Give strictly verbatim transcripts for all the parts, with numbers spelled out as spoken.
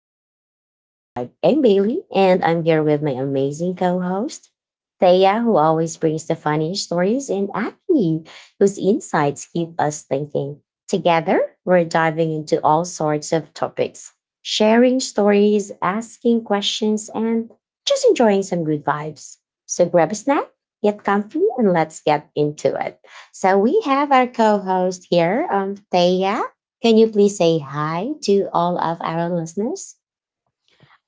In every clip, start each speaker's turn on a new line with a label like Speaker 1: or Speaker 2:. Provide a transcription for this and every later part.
Speaker 1: the, the Vibe Tribe. I'm Bailey, and I'm here with my amazing co-host, Thea, who always brings the funny stories, and Aki, whose insights keep us thinking. Together, we're diving into all sorts of topics, sharing stories, asking questions, and just enjoying some good vibes. So grab a snack, get comfy, and let's get into it. So we have our co-host here, um, Thea. Can you please say hi to all of our listeners?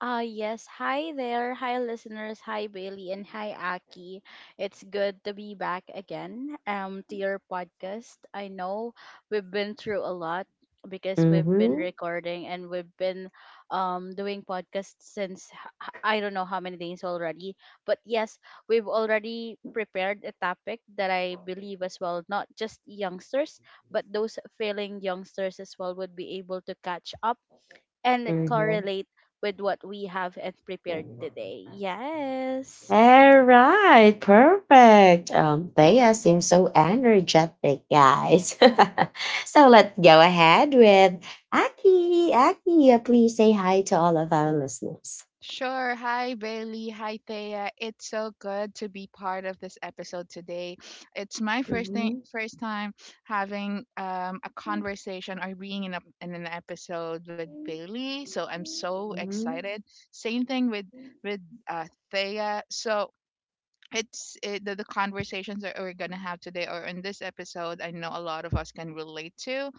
Speaker 2: Ah, yes. Hi there. Hi, listeners. Hi, Bailey. And hi, Aki. It's good to be back again um, to your podcast. I know we've been through a lot because we've been
Speaker 1: Mm-hmm.
Speaker 2: recording and we've been um, doing podcasts since h- h- I don't know how many days already. But yes, we've already prepared a topic that I believe as well, not just youngsters, but those failing youngsters as well would be able to catch up and
Speaker 1: Mm-hmm.
Speaker 2: correlate with what we have and prepared today. Yes.
Speaker 1: All right, perfect. Um, Bea seems so energetic, guys. So let's go ahead with Aki. Aki, uh, please say hi to all of our listeners.
Speaker 3: Sure. Hi, Bailey. Hi, Thea. It's so good to be part of this episode today. It's my first thing,
Speaker 1: Mhm.
Speaker 3: first time having um, a conversation or being in, a, in an episode with Bailey. So I'm so
Speaker 1: Mhm.
Speaker 3: excited. Same thing with with uh, Thea. So it's it, the, the conversations that we're gonna have today or in this episode, I know a lot of us can relate to.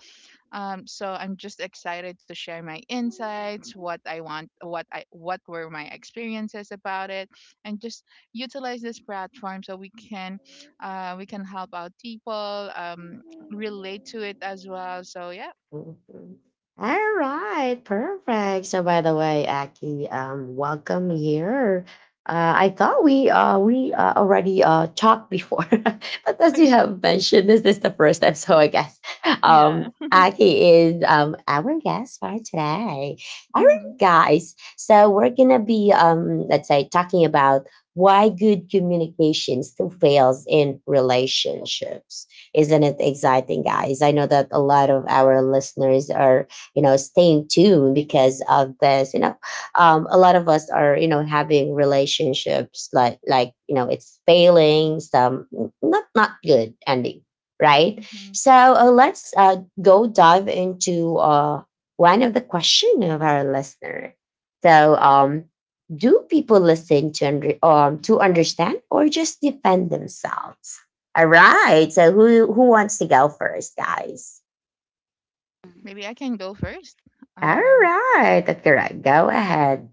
Speaker 3: Um, so I'm just excited to share my insights, what I want, what I what were my experiences about it, and just utilize this platform so we can uh, we can help out people um, relate to it as well. So yeah.
Speaker 1: Mhm. All right, perfect. So, by the way, Aki, um, welcome here. Uh, I thought we uh, we uh, already uh, talked before, but as you have mentioned, this is the first time. So, I guess
Speaker 3: Yeah.
Speaker 1: um, Aki is um, our guest for today. All
Speaker 3: Mm-hmm.
Speaker 1: right, guys. So, we're gonna be um, let's say talking about why good communication still fails in relationships. Isn't it exciting, guys? I know that a lot of our listeners are, you know, staying tuned because of this. You know, um, a lot of us are, you know, having relationships like, like you know, it's failing, some not not good ending, right?
Speaker 3: Hmm.
Speaker 1: So uh, let's uh, go dive into uh, one of the question of our listener. So, um, do people listen to under, um to understand or just defend themselves? All right. So who who wants to go first, guys?
Speaker 2: Mm,
Speaker 3: Maybe I can go first.
Speaker 1: All
Speaker 3: Um,
Speaker 1: right, Doctor Rod, go ahead.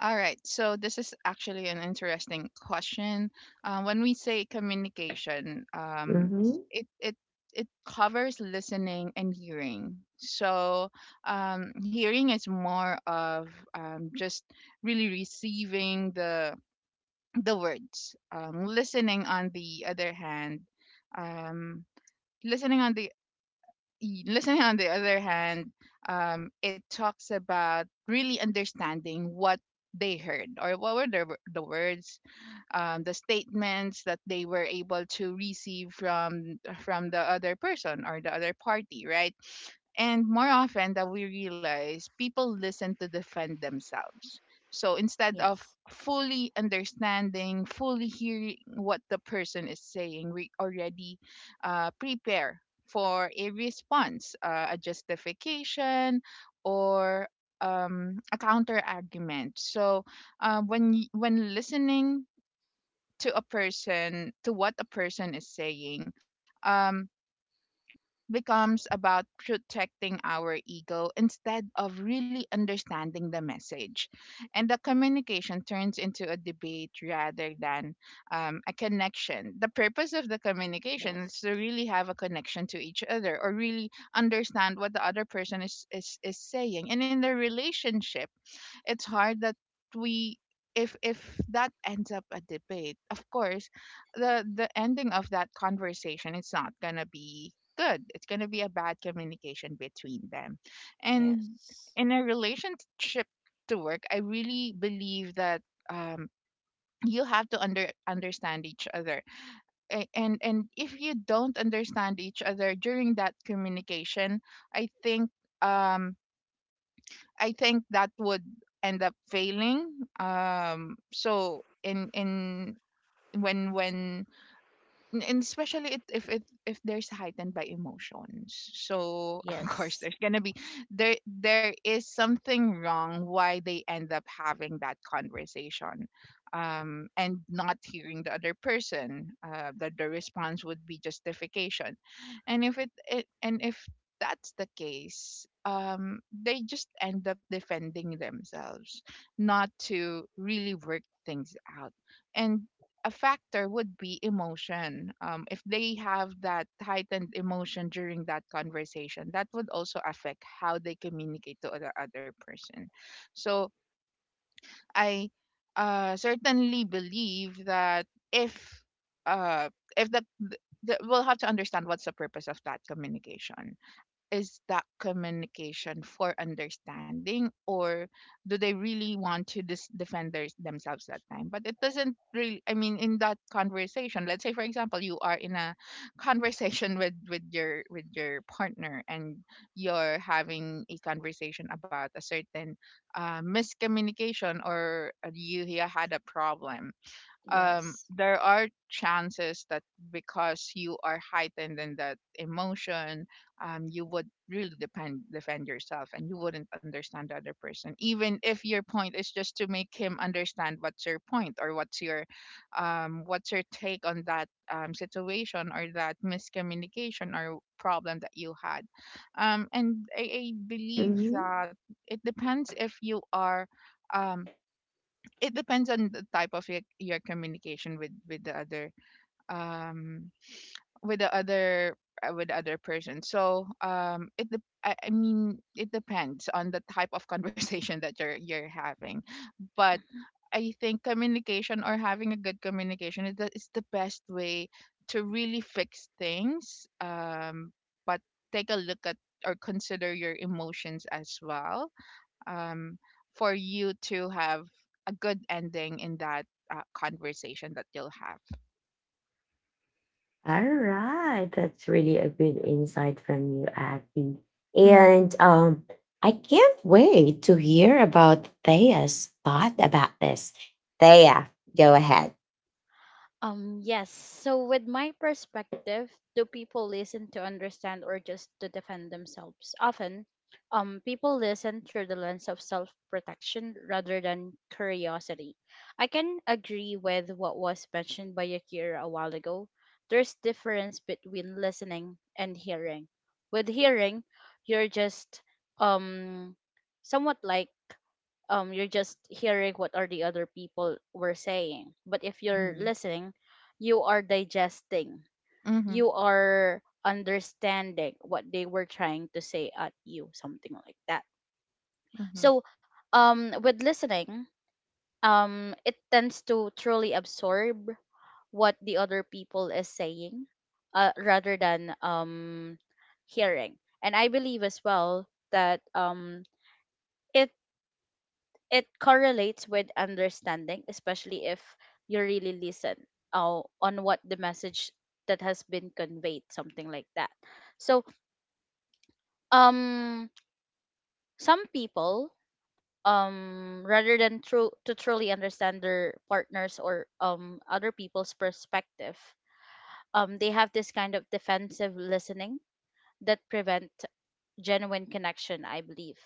Speaker 3: All right. So this is actually an interesting question. Uh, when we say communication, um,
Speaker 1: Mhm.
Speaker 3: it it it covers listening and hearing. So um, hearing is more of um, just really receiving the the words. Um, listening, on the other hand, um, listening on the y- listening on the other hand, um, it talks about really understanding what they heard, or what were the, the words, um, the statements that they were able to receive from from the other person or the other party, right? And more often that we realize, people listen to defend themselves. So instead
Speaker 2: Yes.
Speaker 3: of fully understanding, fully hearing what the person is saying, we already uh, prepare for a response, uh, a justification, or um, a counter argument. So uh, when y- when listening to a person to what a person is saying, um it becomes about protecting our ego instead of really understanding the message, and the communication turns into a debate rather than um, a connection. The purpose of the communication is
Speaker 2: Yes.
Speaker 3: to really have a connection to each other, or really understand what the other person is is, is saying. And in the relationship, it's hard that we if if that ends up a debate, of course the the ending of that conversation, it's not going to be good, it's going to be a bad communication between them. And
Speaker 2: Yes.
Speaker 3: in a relationship to work, I really believe that um you have to under understand each other. A- and and if you don't understand each other during that communication, i think um I think that would end up failing. Um, so in in when when N- And especially it, if it if there's heightened by emotions, so of course
Speaker 2: Yes.
Speaker 3: there's gonna be there there is something wrong why they end up having that conversation, um and not hearing the other person, uh that the response would be justification. And if it, it and if that's the case, um they just end up defending themselves, not to really work things out. And a factor would be emotion. Um, if they have that heightened emotion during that conversation, that would also affect how they communicate to the other person. So I uh, certainly believe that if uh, if that th- we'll have to understand what's the purpose of that communication. Is that communication for understanding, or do they really want to dis- defend their, themselves that time? But it doesn't really, I mean, in that conversation, let's say for example, you are in a conversation with with your with your partner, and you're having a conversation about a certain uh, miscommunication, or you, you had a problem. Um,
Speaker 2: Yes.
Speaker 3: there are chances that because you are heightened in that emotion, um, you would really depend defend yourself and you wouldn't understand the other person, even if your point is just to make him understand what's your point, or what's your um, what's your take on that um, situation or that miscommunication or problem that you had. Um, and I, I believe
Speaker 1: Mhm.
Speaker 3: that it depends if you are um, it depends on the type of your, your communication with with the other, um with the other uh, with the other person. So um it dep- I, I mean it depends on the type of conversation that you're you're having. But
Speaker 2: Mm-hmm.
Speaker 3: I think communication, or having a good communication, is the, is the best way to really fix things. Um, but take a look at, or consider your emotions as well, um, for you to have a good ending in that uh, conversation that you'll have.
Speaker 1: All right, that's really a good insight from you, Aki.
Speaker 3: Mm-hmm.
Speaker 1: And um, I can't wait to hear about Thea's thought about this. Thea, go ahead.
Speaker 2: Um, yes. So, with my perspective, do people listen to understand or just to defend themselves? Often, um, people listen through the lens of self protection rather than curiosity. I can agree with what was mentioned by Yakira a while ago. There's difference between listening and hearing. With hearing, you're just um somewhat like um you're just hearing what are the other people were saying, but if you're
Speaker 3: Mm-hmm.
Speaker 2: listening, you are digesting,
Speaker 3: Mm-hmm.
Speaker 2: you are understanding what they were trying to say at you, something like that.
Speaker 3: Mm-hmm.
Speaker 2: So, um with listening, um it tends to truly absorb what the other people is saying, uh, rather than um hearing. And I believe as well that um it. it correlates with understanding, especially if you really listen uh, on what the message that has been conveyed, something like that. So, um, some people, um, rather than true to truly understand their partners or um other people's perspective, um, they have this kind of defensive listening that prevent genuine connection, I believe.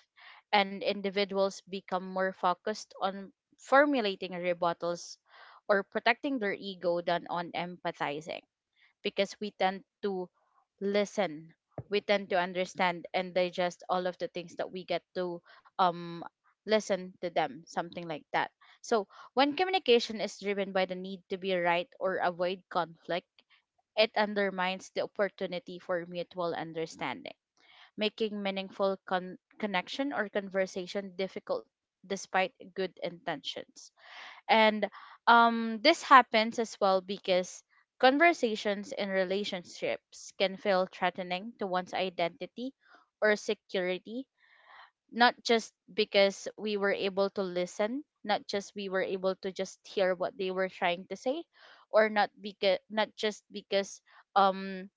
Speaker 2: And individuals become more focused on formulating rebuttals or protecting their ego than on empathizing, because we tend to listen, we tend to understand and digest all of the things that we get to um listen to them, something like that. So when communication is driven by the need to be right or avoid conflict, it undermines the opportunity for mutual understanding, making meaningful con- connection or conversation difficult despite good intentions. And um, this happens as well because conversations in relationships can feel threatening to one's identity or security, not just because we were able to listen, not just we were able to just hear what they were trying to say, or not because not just because um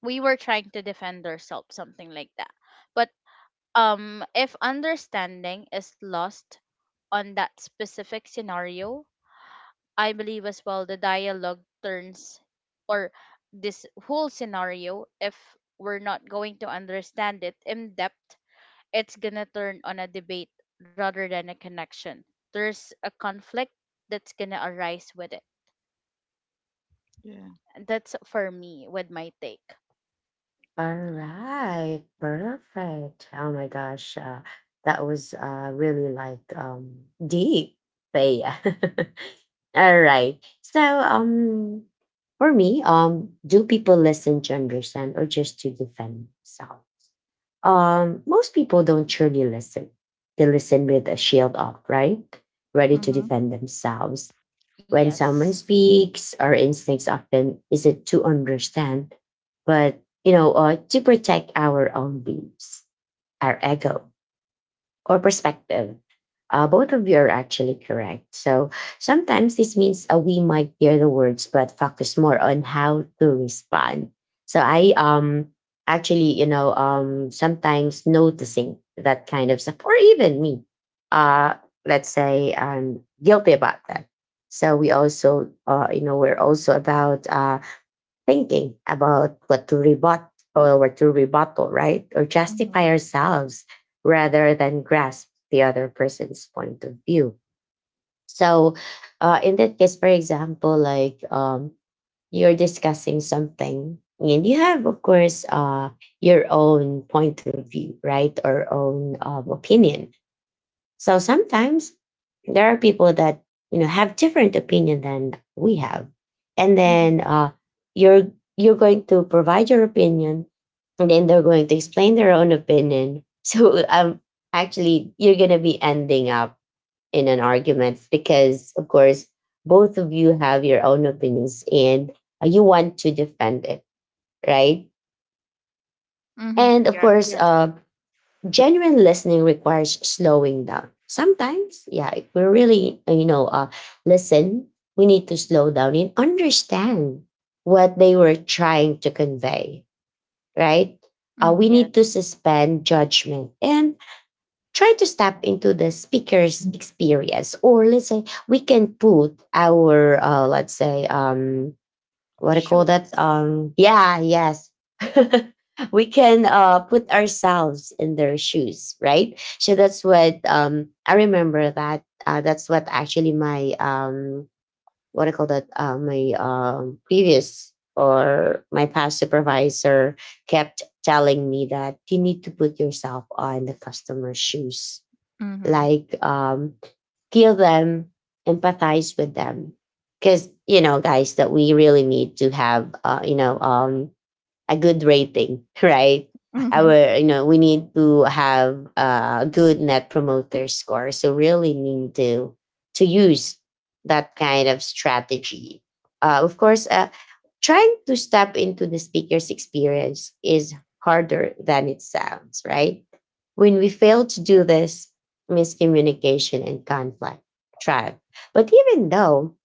Speaker 2: we were trying to defend ourselves, something like that. But um, if understanding is lost on that specific scenario, I believe as well the dialogue turns or this whole scenario, if we're not going to understand it in depth, it's gonna turn on a debate rather than a connection. There's a conflict that's gonna arise with it.
Speaker 3: Yeah.
Speaker 2: That's for me with my take.
Speaker 1: All right, perfect. Oh my gosh, uh, that was uh, really like um, deep, Thea. All right. So, um, for me, um, do people listen to understand or just to defend themselves? Um, most people don't truly listen. They listen with a shield up, right? Ready to
Speaker 3: Mm-hmm.
Speaker 1: defend themselves. When
Speaker 2: Yes.
Speaker 1: someone speaks, our instincts often is it to understand, but you know, uh, to protect our own beliefs, our ego, or perspective. Uh, both of you are actually correct. So sometimes this means uh, we might hear the words, but focus more on how to respond. So I um actually, you know, um sometimes noticing that kind of stuff, or even me, uh, let's say I'm guilty about that. So we also, uh, you know, we're also about uh, thinking about what to rebut or what to rebuttal, right? Or
Speaker 3: Mm-hmm.
Speaker 1: justify ourselves rather than grasp the other person's point of view. So, uh, in that case, for example, like um, you're discussing something and you have, of course, uh, your own point of view, right? Or own um, opinion, so sometimes there are people that you know have different opinion than we have, and
Speaker 3: Mm-hmm.
Speaker 1: then uh, you're you're going to provide your opinion, and then they're going to explain their own opinion. So um, actually, you're gonna be ending up in an argument because, of course, both of you have your own opinions and uh, you want to defend it, right?
Speaker 3: Mm-hmm.
Speaker 1: And of
Speaker 3: Yeah.
Speaker 1: course,
Speaker 2: Yes.
Speaker 1: uh, genuine listening requires slowing down. Sometimes, yeah, if we really, uh, you know, uh, listen, we need to slow down and understand what they were trying to convey, right? Uh, we
Speaker 3: Mm-hmm.
Speaker 1: need
Speaker 2: Yes.
Speaker 1: to suspend judgment and try to step into the speaker's experience. Or let's say we can put our, uh, let's say, um, what do you call that?
Speaker 2: Shoes.
Speaker 1: Um, yeah, yes. We can uh, put ourselves in their shoes, right? So that's what um, I remember that. Uh, that's what actually my, um, what do you call that? Uh, my um, previous or my past supervisor kept telling me that you need to put yourself on the customer's shoes.
Speaker 3: Mm-hmm.
Speaker 1: Like, um, feel them, empathize with them. Because, you know, guys, that we really need to have, uh, you know, um, a good rating, right?
Speaker 3: Mm-hmm.
Speaker 1: Our, you know, we need to have a good net promoter score. So really need to to use that kind of strategy. Uh, of course, uh, trying to step into the speaker's experience is harder than it sounds, right? When we fail to do this, miscommunication and conflict thrive. But even though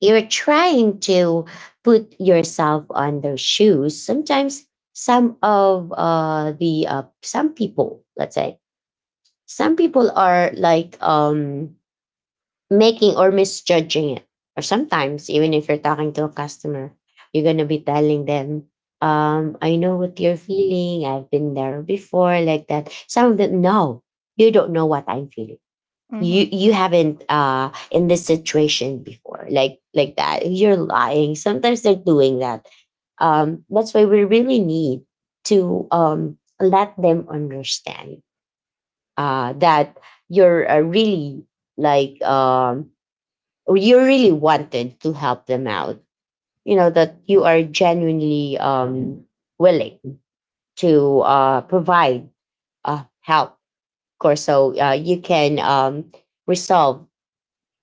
Speaker 1: you're trying to put yourself on their shoes sometimes some of uh the uh, some people let's say some people are like um making or misjudging it, or sometimes even if you're talking to a customer you're going to be telling them, um I know what you're feeling, I've been there before, like that. Some of them, no, you don't know what I'm feeling.
Speaker 3: Mm-hmm.
Speaker 1: you you haven't uh in this situation before like like that, you're lying sometimes they're doing that. Um that's why we really need to um let them understand uh that you're uh, really like um or you really wanted to help them out. You know that you are genuinely um willing to uh provide uh help, of course. So uh, you can um resolve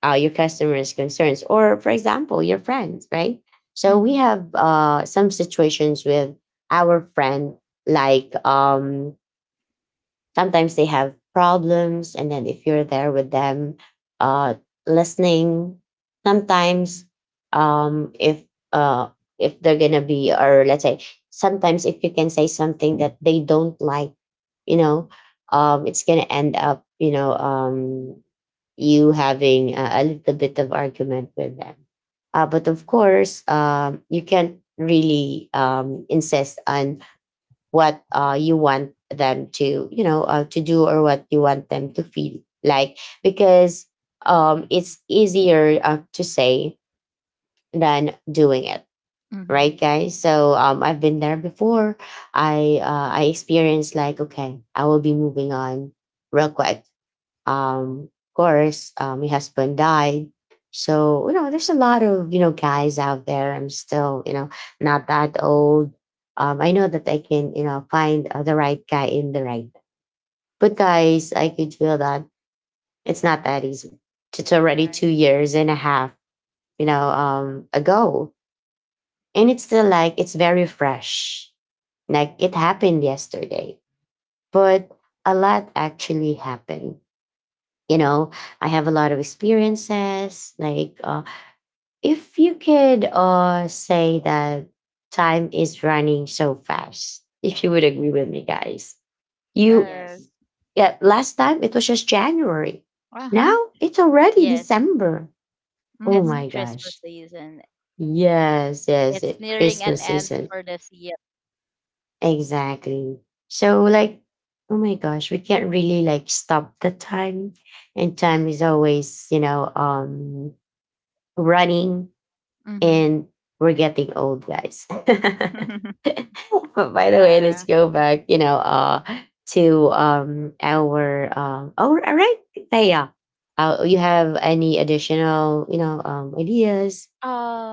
Speaker 1: uh, your customers' concerns, or for example, your friends, right? So we
Speaker 3: Mm-hmm.
Speaker 1: have uh, some situations with our friend, like um, sometimes they have problems, and then if you're there with them, uh, listening, sometimes um, if uh, if they're gonna be, or let's say, sometimes if you can say something that they don't like, you know, um, it's gonna end up, you know, um, you having a, a little bit of argument with them. Uh, but of course, um, you can't really um, insist on what uh, you want them to, you know, uh, to do or what you want them to feel like because um, it's easier uh, to say than doing it,
Speaker 3: Mm-hmm.
Speaker 1: right, guys? So um, I've been there before. I uh, I experienced like, okay, I will be moving on real quick. Um of course, um, my husband died, so you know there's a lot of you know guys out there. I'm still you know not that old. um I know that I can you know find uh, the right guy in the right, but guys I could feel that it's not that easy. It's already two
Speaker 3: Right.
Speaker 1: years and a half, you know, um ago, and it's still like it's very fresh, like it happened yesterday. But a lot actually happened, you know. I have a lot of experiences like uh, if you could uh, say that time is running so fast. If you would agree with me, guys, you
Speaker 3: Yes.
Speaker 2: Yes.
Speaker 1: yeah last time it was just January,
Speaker 3: Uh-huh.
Speaker 1: now it's already
Speaker 2: Yes.
Speaker 1: December. Oh
Speaker 2: It's
Speaker 3: Mhm.
Speaker 1: my
Speaker 2: Christmas
Speaker 1: gosh.
Speaker 2: season.
Speaker 1: Yes, yes
Speaker 2: It's
Speaker 1: it,
Speaker 2: nearing an
Speaker 1: Christmas
Speaker 2: end
Speaker 1: season.
Speaker 2: for this year.
Speaker 1: Exactly. So like, oh my gosh, we can't really like stop the time, and time is always you know um running,
Speaker 3: Mhm.
Speaker 1: and we're getting old, guys. But by the way, let's
Speaker 3: Yeah.
Speaker 1: go back, you know, uh to um our um oh all right. Taya, uh, you have any additional you know um ideas?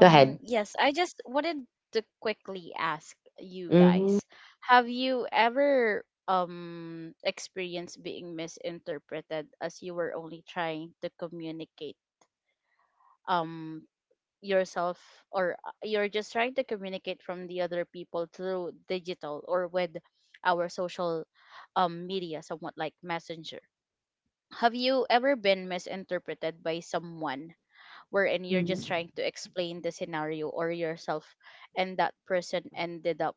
Speaker 1: Go ahead.
Speaker 2: yes, I just wanted to quickly ask you
Speaker 1: Mhm.
Speaker 2: guys, have you ever um experienced being misinterpreted as you were only trying to communicate um yourself, or uh, you're just trying to communicate from the other people through digital or with our social um media, somewhat like Messenger. Have you ever been misinterpreted by someone wherein you're just
Speaker 1: Mhm.
Speaker 2: trying to explain the scenario or yourself, and that person ended up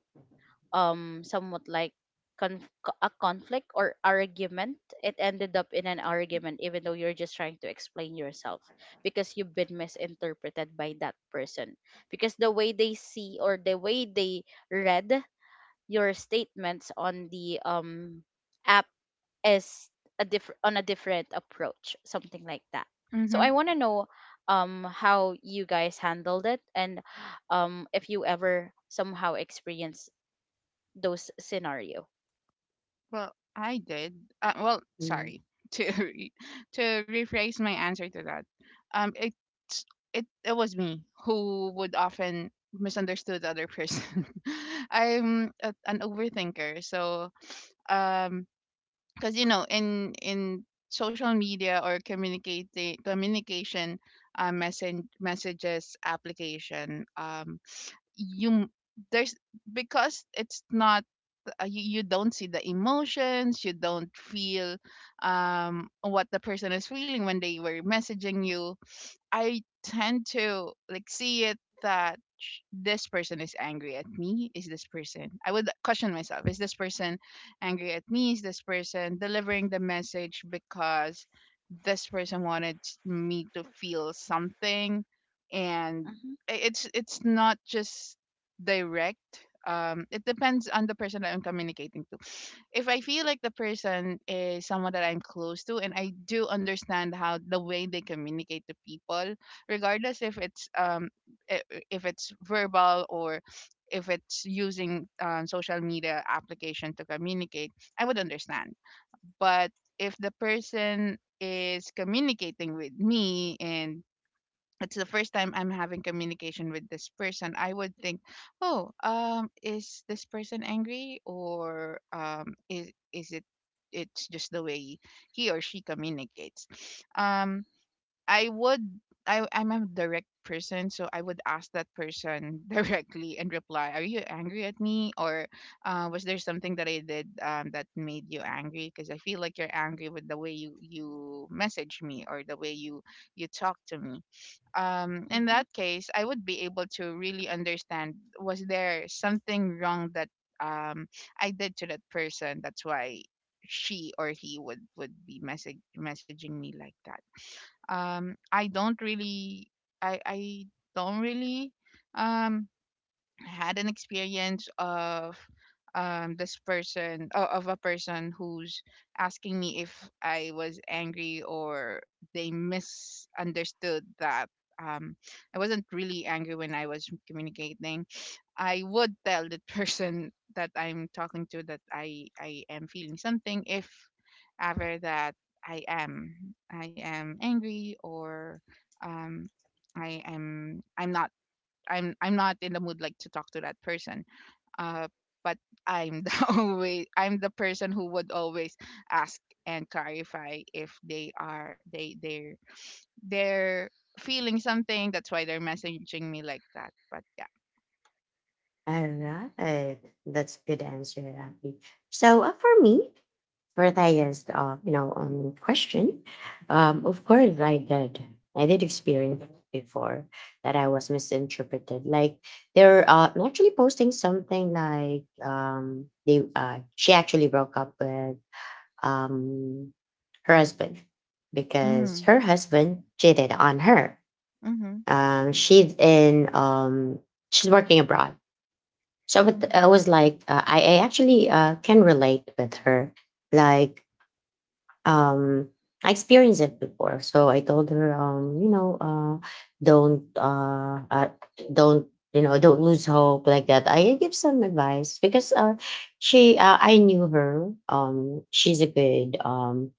Speaker 2: um somewhat like conf- a conflict or argument? It ended up in an argument even though you're just trying to explain yourself because you've been misinterpreted by that person, because the way they see or the way they read your statements on the um app is a different on a different approach, something like that. So
Speaker 3: Mhm.
Speaker 2: I want to know um how you guys handled it, and um, if you ever somehow experience those scenario.
Speaker 3: Well, I did. Uh, well,
Speaker 1: Mhm.
Speaker 3: sorry to re- to rephrase my answer to that. Um, it it it was me who would often misunderstood the other person. I'm a, an overthinker, so um, because you know, in in social media or communicate communication, uh, message messages application, um, you m- there's because it's not, uh, you, you don't see the emotions, you don't feel um what the person is feeling when they were messaging you. I tend to like see it that sh- this person is angry at me, is this person, I would question myself, is this person angry at me, is this person delivering the message because this person wanted me to feel something. And
Speaker 2: Mm-hmm.
Speaker 3: i- it's it's not just direct. Um, it depends on the person that I'm communicating to. If I feel like the person is someone that I'm close to, and I do understand how the way they communicate to people, regardless if it's um i- i- if it's verbal, or if it's using um, social media application to communicate, I would understand. But if the person is communicating with me, and it's the first time I'm having communication with this person, I would think, oh, um, is this person angry, or um, is is it, it's just the way he or she communicates. Um, I would I I'm a direct person, so I would ask that person directly and reply, are you angry at me, or uh, was there something that I did um, that made you angry? Because I feel like you're angry with the way you you message me, or the way you you talk to me. Um, in
Speaker 2: Mm-hmm.
Speaker 3: that case, I would be able to really understand, was there something wrong that um, I did to that person? That's why she or he would would be message messaging me like that. Um, I don't really, I I don't really um, had an experience of um this person o- of a person who's asking me if I was angry, or they misunderstood that um I wasn't really angry when I was communicating. I would tell the person that I'm talking to that I I am feeling something if ever that I am I am angry, or um I am I'm not, I'm I'm not in the mood like to talk to that person. Uh, but I'm the always I'm the person who would always ask and clarify if they are they they're they're feeling something. That's why they're messaging me like that. But yeah.
Speaker 1: All right, that's a good answer, Abby. So uh, for me, for Taya's, uh, you know, um, question, um, of course, I did. I did experience before that I was misinterpreted. Like they're uh, actually posting something like um, they uh, she actually broke up with um, her husband because
Speaker 3: Mm.
Speaker 1: her husband cheated on her.
Speaker 3: Mhm.
Speaker 1: Um, she's in um, she's working abroad. So but
Speaker 3: Mhm.
Speaker 1: I was like, uh, I, I actually uh, can relate with her. Like um I experienced it before. So I told her, um, you know, uh don't uh, uh don't you know, don't lose hope like that. I give some advice because uh she uh, I knew her. Um she's a good um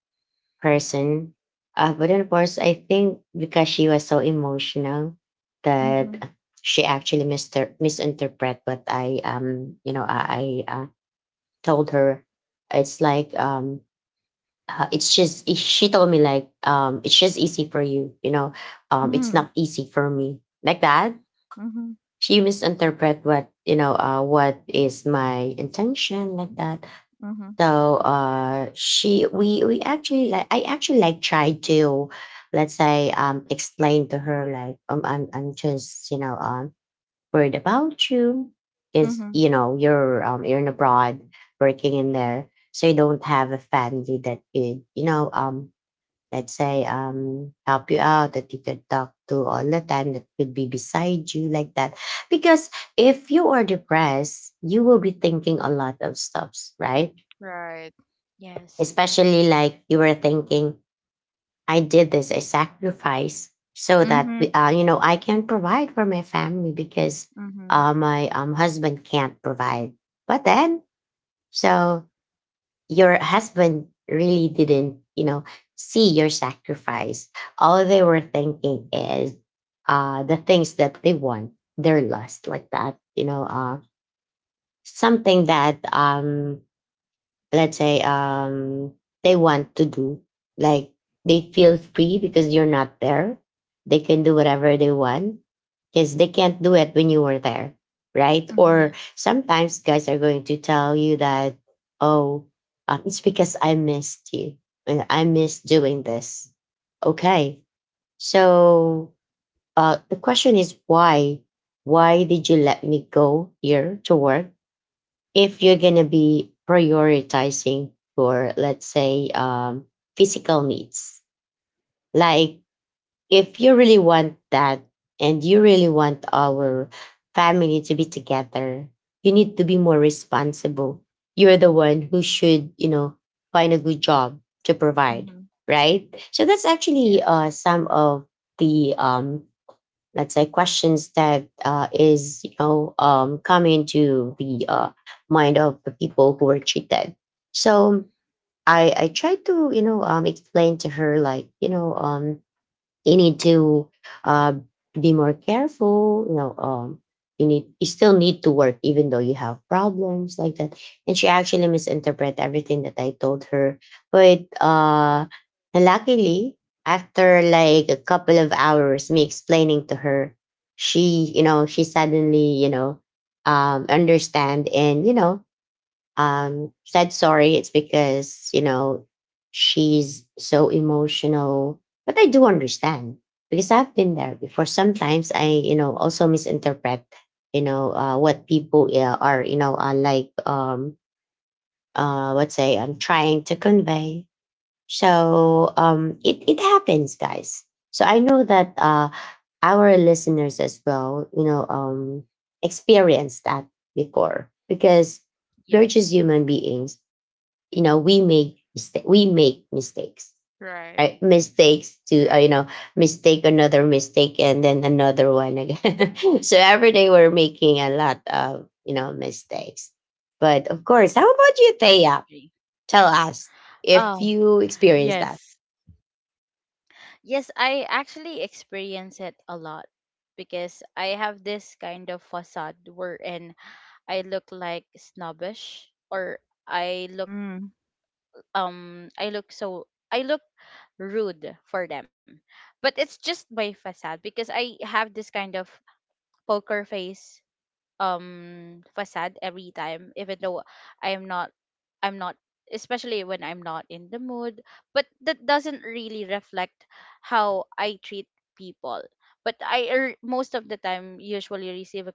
Speaker 1: person. Uh, but then of course I think because she was so emotional that
Speaker 3: Mhm.
Speaker 1: she actually mister- misinterpret what I um you know I, I uh, told her. It's like um uh, it's just she told me like um it's just easy for you, you know, um it's
Speaker 3: Mhm.
Speaker 1: not easy for me like that.
Speaker 3: Mhm.
Speaker 1: She misinterpret what you know uh what is my intention like that.
Speaker 3: Mhm.
Speaker 1: So uh she we we actually like I actually like tried to let's say um explain to her like um i'm i'm just you know um worried about you is
Speaker 3: Mhm.
Speaker 1: you know you're um you're in abroad working in there, so you don't have a family that could you know um let's say um help you out, that you could talk to all the time, that could be beside you like that. Because if you are depressed you will be thinking a lot of stuffs, right?
Speaker 3: Right.
Speaker 2: Yes.
Speaker 1: Especially like you were thinking I did this I sacrifice so that
Speaker 3: Mhm.
Speaker 1: uh, you know I can provide for my family because
Speaker 3: Mhm.
Speaker 1: uh, my um, husband can't provide, but then so your husband really didn't, you know, see your sacrifice. All they were thinking is uh, the things that they want, their lust, like that, you know, uh, something that um, let's say um they want to do, like they feel free because you're not there. They can do whatever they want because they can't do it when you were there, right?
Speaker 3: Mhm.
Speaker 1: Or
Speaker 2: Yes.
Speaker 1: sometimes guys are going to tell you that, oh, uh, it's because I missed you and I missed doing this. Okay, so uh the question is why. Why did you let me go here to work if you're going to be prioritizing your, let's say, um, physical needs? Like, if you really want that and you really want our family to be together, you need to be more responsible. You're the one who should, you know, find a good job to provide,
Speaker 3: Mhm.
Speaker 1: right? So that's actually uh,
Speaker 2: Yes.
Speaker 1: some of the um, let's say questions that, uh, is you know, um, come into the uh, mind of the people who were treated. So i i tried to, you know, um, explain to her, like, you know, um, you need to uh, be more careful, you know, um you need, you still need to work even though you have problems like that. And she actually misinterpreted everything that I told her. But uh luckily, after like a couple of hours me explaining to her, she, you know, she suddenly, you know, um understand and, you know, um said sorry, it's because, you know, she's so emotional. But I do understand because I've been there before. Sometimes I, you know, also misinterpret, you know, uh, what people, yeah, are, you know, are, like, um uh let's say, I'm trying to convey. So um it it happens, guys. So I know that uh our listeners as well, you know, um experienced that before, because we're just
Speaker 2: Yes.
Speaker 1: human beings, you know. We make mistake, we make mistakes,
Speaker 3: Right.
Speaker 1: right? Mistakes to, uh, you
Speaker 2: Right.
Speaker 1: know, mistake, another mistake, and then another one again. So every day we're making a lot of, you know, mistakes. But of course, how about you, Thea?
Speaker 2: Agree.
Speaker 1: Tell us if
Speaker 2: Oh,
Speaker 1: you experience that.
Speaker 2: yes. Yes, I actually experience it a lot because I have this kind of facade wherein I look like snobbish, or I look
Speaker 3: Mm.
Speaker 2: um I look, so I look rude for them. But it's just my facade because I have this kind of poker face um facade every time even though I'm not, I'm not especially when I'm not in the mood, but that doesn't really reflect how I treat people. But I er, most of the time usually receive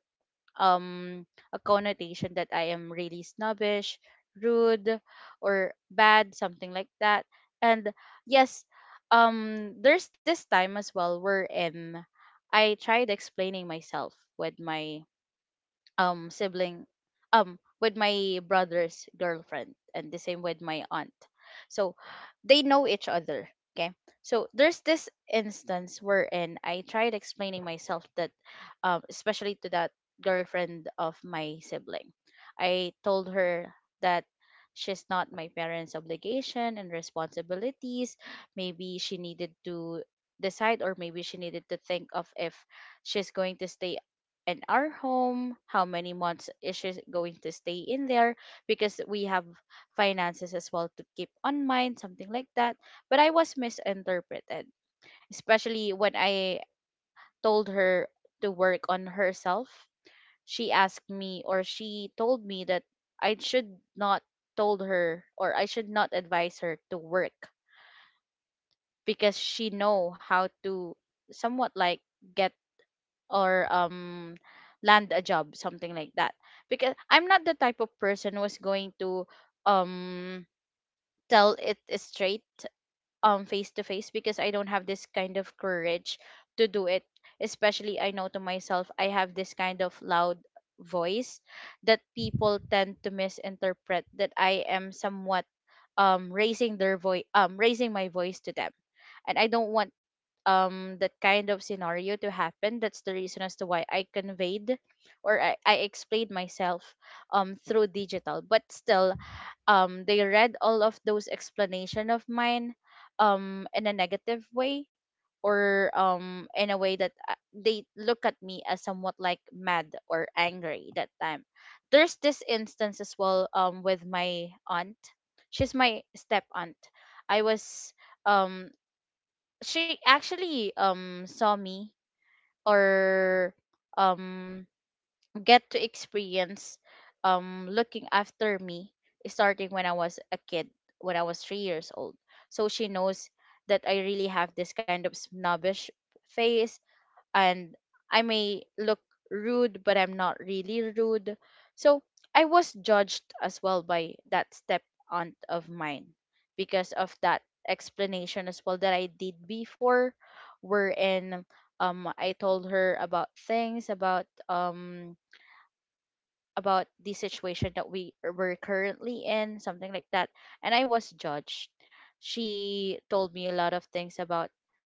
Speaker 2: um a connotation that I am really snobbish, rude, or bad, something like that. And yes, um there's this time as well wherein I tried explaining myself with my um sibling, um with my brother's girlfriend, and the same with my aunt. So they know each other, okay? So there's this instance wherein I tried explaining myself that, um, especially to that girlfriend of my sibling, I told her that she's not my parents obligation and responsibilities. Maybe she needed to decide, or maybe she needed to think of if she's going to stay in our home, how many months is she going to stay in there, because we have finances as well to keep on mind, something like that. But I was misinterpreted, especially when I told her to work on herself. She asked me, or she told me, that I should not told her, or I should not advise her to work because she know how to somewhat like get or um land a job, something like that. Because I'm not the type of person who's going to um tell it straight, um, face to face, because I don't have this kind of courage to do it, especially I know to myself I have this kind of loud voice that people tend to misinterpret that I am somewhat um raising their voice um raising my voice to them, and I don't want um that kind of scenario to happen. That's the reason as to why I conveyed, or I, I explained myself um through digital. But still, um, they read all of those explanation of mine um in a negative way, or um, in a way that uh, they look at me as somewhat like mad or angry that time. There's this instance as well um with my aunt. She's my step aunt. I was um she actually um saw me or um get to experience um looking after me starting when I was a kid, when I was three years old. So she knows that I really have this kind of snobbish face, and I may look rude, but I'm not really rude. So I was judged as well by that step aunt of mine because of that explanation as well that I did before, wherein um I told her about things about um about the situation that we were currently in, something like that, and I was judged. She told me a lot of things about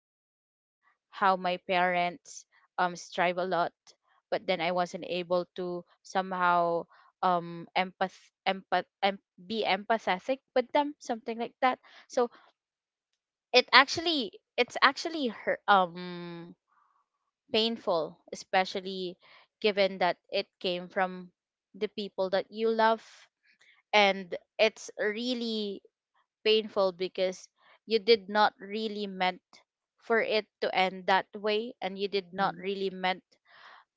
Speaker 2: how my parents um strive a lot, but then I wasn't able to somehow um empath empath em- be empathetic with them, something like that. So it actually, it's actually hurt, um, painful, especially given that it came from the people that you love, and it's really painful because you did not really meant for it to end that way, and you did not
Speaker 3: Mhm.
Speaker 2: really meant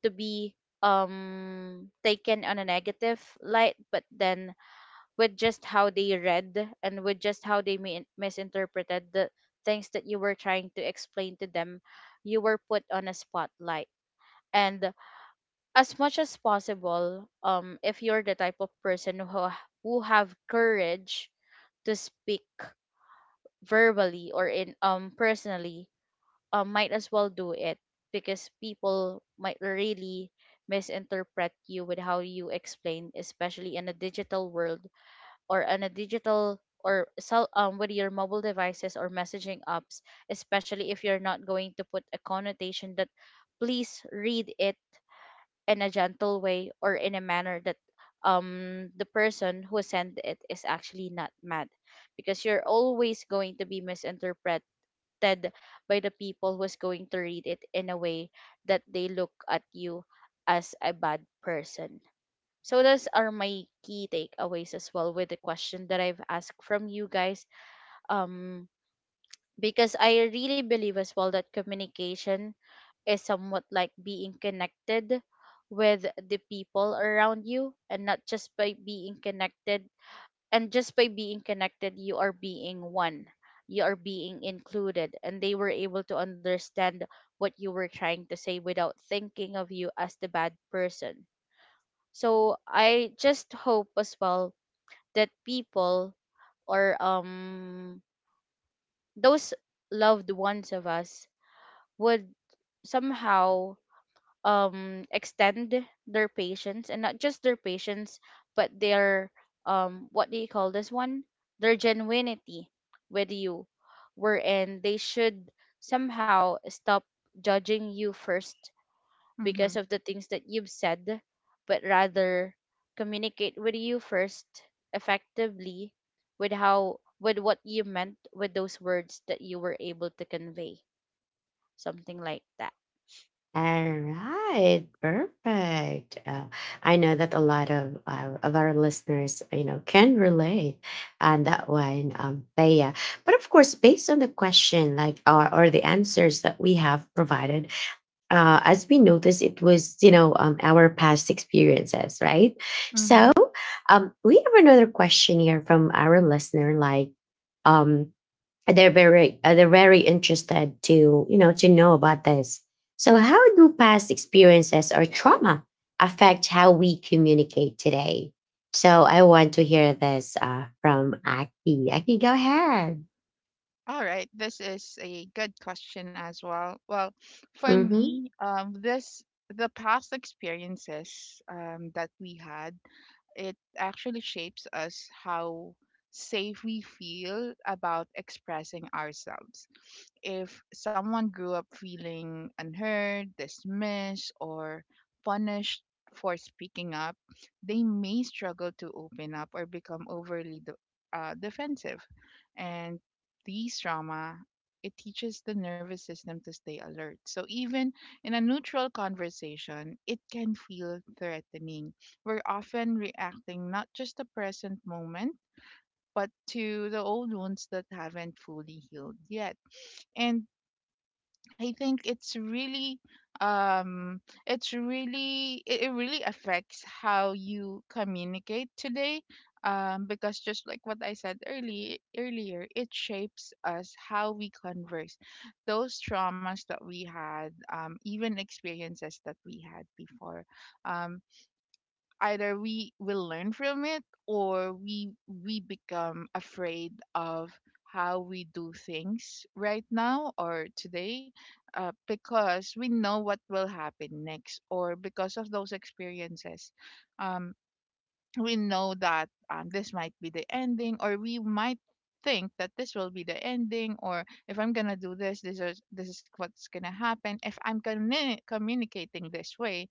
Speaker 2: to be um taken on a negative light. But then with just how they read and with just how they mi- misinterpreted the things that you were trying to explain to them, you were put on a spotlight. And as much as possible, um, if you're the type of person who who have courage to speak verbally or in um, personally, um, might as well do it, because people might really misinterpret you with how you explain, especially in a digital world, or in a digital or cell, um, with your mobile devices or messaging apps, especially if you're not going to put a connotation that please read it in a gentle way or in a manner that um, the person who sent it is actually not mad, because you're always going to be misinterpreted, affected by the people who's going to read it in a way that they look at you as a bad person. So those are my key takeaways as well with the question that I've asked from you guys. Um because I really believe as well that communication is somewhat like being connected with the people around you, and not just by being connected, and just by being connected, you are being one, you are being included, and they were able to understand what you were trying to say without thinking of you as the bad person. So I just hope as well that people or um those loved ones of us would somehow um extend their patience, and not just their patience, but their, um what do you call this one, their genuinity with you, wherein they should somehow stop judging you first because
Speaker 3: Mhm.
Speaker 2: of the things that you've said, but rather communicate with you first effectively with how, with what you meant with those words that you were able to convey, something like that.
Speaker 1: All right, perfect. Uh, I know that a lot of uh, of our listeners, you know, can relate on that one, um, Thea. But of course, based on the question, like, or, or the answers that we have provided, uh, as we noticed, it was, you know, um, our past experiences, right? So,
Speaker 3: Mhm.
Speaker 1: um, we have another question here from our listener, like. Um, and they're very uh, they're very interested to, you know, to know about this. So, how do past experiences or trauma affect how we communicate today? So, I want to hear this uh, from Aki. Aki, go ahead.
Speaker 3: All right, this is a good question as well. Well, for
Speaker 1: Mm-hmm.
Speaker 3: me, um, this the past experiences um, that we had, it actually shapes us how safe we feel about expressing ourselves. If someone grew up feeling unheard, dismissed, or punished for speaking up, they may struggle to open up or become overly de- uh, defensive. And these trauma, it teaches the nervous system to stay alert. So even in a neutral conversation, it can feel threatening. We're often reacting not just the present moment, but to the old wounds that haven't fully healed yet. And I think it's really um it's really it, it really affects how you communicate today um because just like what I said earlier earlier it shapes us how we converse those traumas that we had um even experiences that we had before um either we will learn from it or we we become afraid of how we do things right now or today uh, because we know what will happen next or because of those experiences um, we know that um, this might be the ending or we might think that this will be the ending or if I'm gonna do this this is this is what's gonna happen if I'm communi- communicating this way.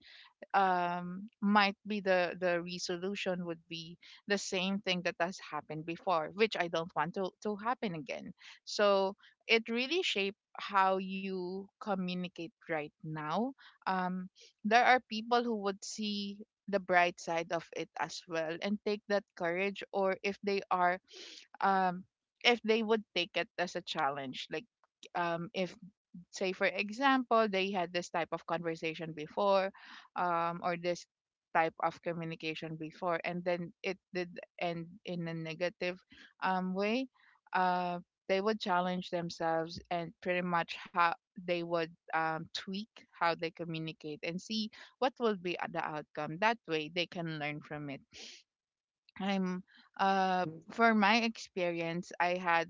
Speaker 3: um Might be the the resolution would be the same thing that has happened before which I don't want to to happen again. So it really shape how you communicate right now. um there are people who would see the bright side of it as well and take that courage or if they are um if they would take it as a challenge like um if say for example they had this type of conversation before, um or this type of communication before, and then it did end in a negative um way. uh they would challenge themselves and pretty much how they would um, tweak how they communicate and see what will be the outcome. That way they can learn from it. I'm uh for my experience, I had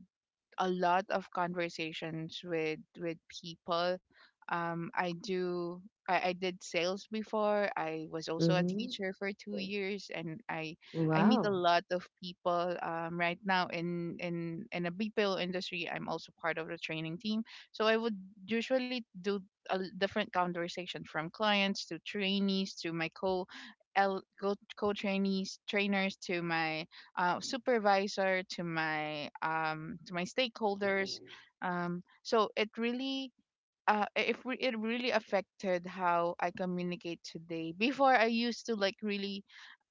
Speaker 3: a lot of conversations with with people. Um, I do. I, I did sales before. I was also a
Speaker 1: Mm-hmm.
Speaker 3: teacher for two years, and I I meet a
Speaker 1: Wow.
Speaker 3: lot of people. Um, right now in in in a B P O industry, I'm also part of the training team. So I would usually do a l- different conversation from clients to trainees to my co L co co trainees, trainers to my uh, supervisor, to my um, to my stakeholders. Um, so it really uh, if we, it really affected how I communicate today. Before I used to like really.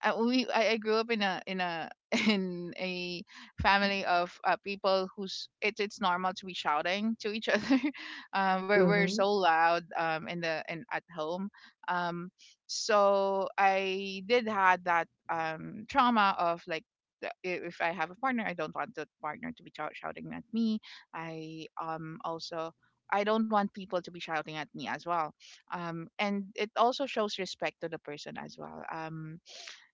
Speaker 3: Uh, we I, I grew up in a in a in a family of uh, people who's it's it's normal to be shouting to each other. Uh, we're we're
Speaker 1: Mm-hmm.
Speaker 3: so loud um in the in at home. Um, so I did had that um trauma of like the- i- if I have a partner, I don't want the partner to be shout- shouting at me. I um also I don't want people to be shouting at me as well. Um, and it also shows respect to the person as well. Um,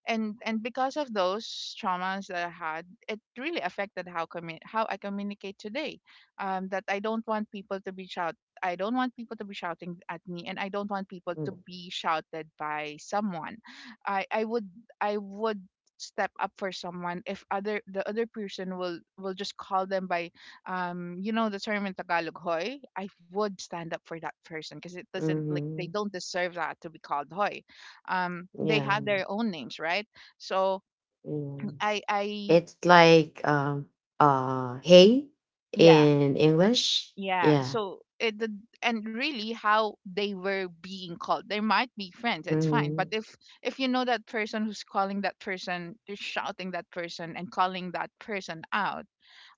Speaker 3: and and because of those traumas that I had, it really affected how commu- how I communicate today. Um, that I don't want people to be shout. I don't want people to be shouting at me, and I don't want people to be shouted by someone. I I would I would step up for someone if other the other person will will just call them by um you know the term in tagalog hoy. I would stand up for that person because it doesn't like they
Speaker 1: Mm-hmm.
Speaker 3: don't deserve that to be called hoy. Um they
Speaker 1: Yeah.
Speaker 3: had their own names, right? So
Speaker 1: Yeah.
Speaker 3: i i
Speaker 1: It's like, um, uh hey
Speaker 3: yeah,
Speaker 1: in English.
Speaker 3: yeah,
Speaker 1: Yeah.
Speaker 3: so it the- and really how they were being called, they might be friends, it's fine. But
Speaker 1: Mm-hmm.
Speaker 3: if if you know that person who's calling that person, they're shouting that person and calling that person out,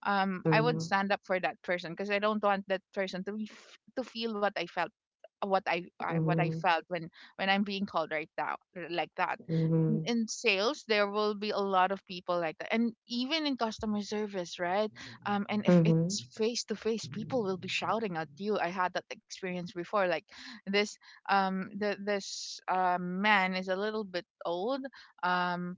Speaker 3: um I would
Speaker 1: Mm-hmm.
Speaker 3: stand up for that person because I don't want that person to be f- to feel what I felt, what I, I what I
Speaker 1: Mm-hmm.
Speaker 3: felt when when I'm being called right now like that. in
Speaker 1: Mhm,
Speaker 3: in sales there will be a lot of people like that, and even in customer service, right? Um and if
Speaker 1: mhm,
Speaker 3: it's face to face, people will be shouting at you. I had that experience before, like this um the this um man is a little bit old, um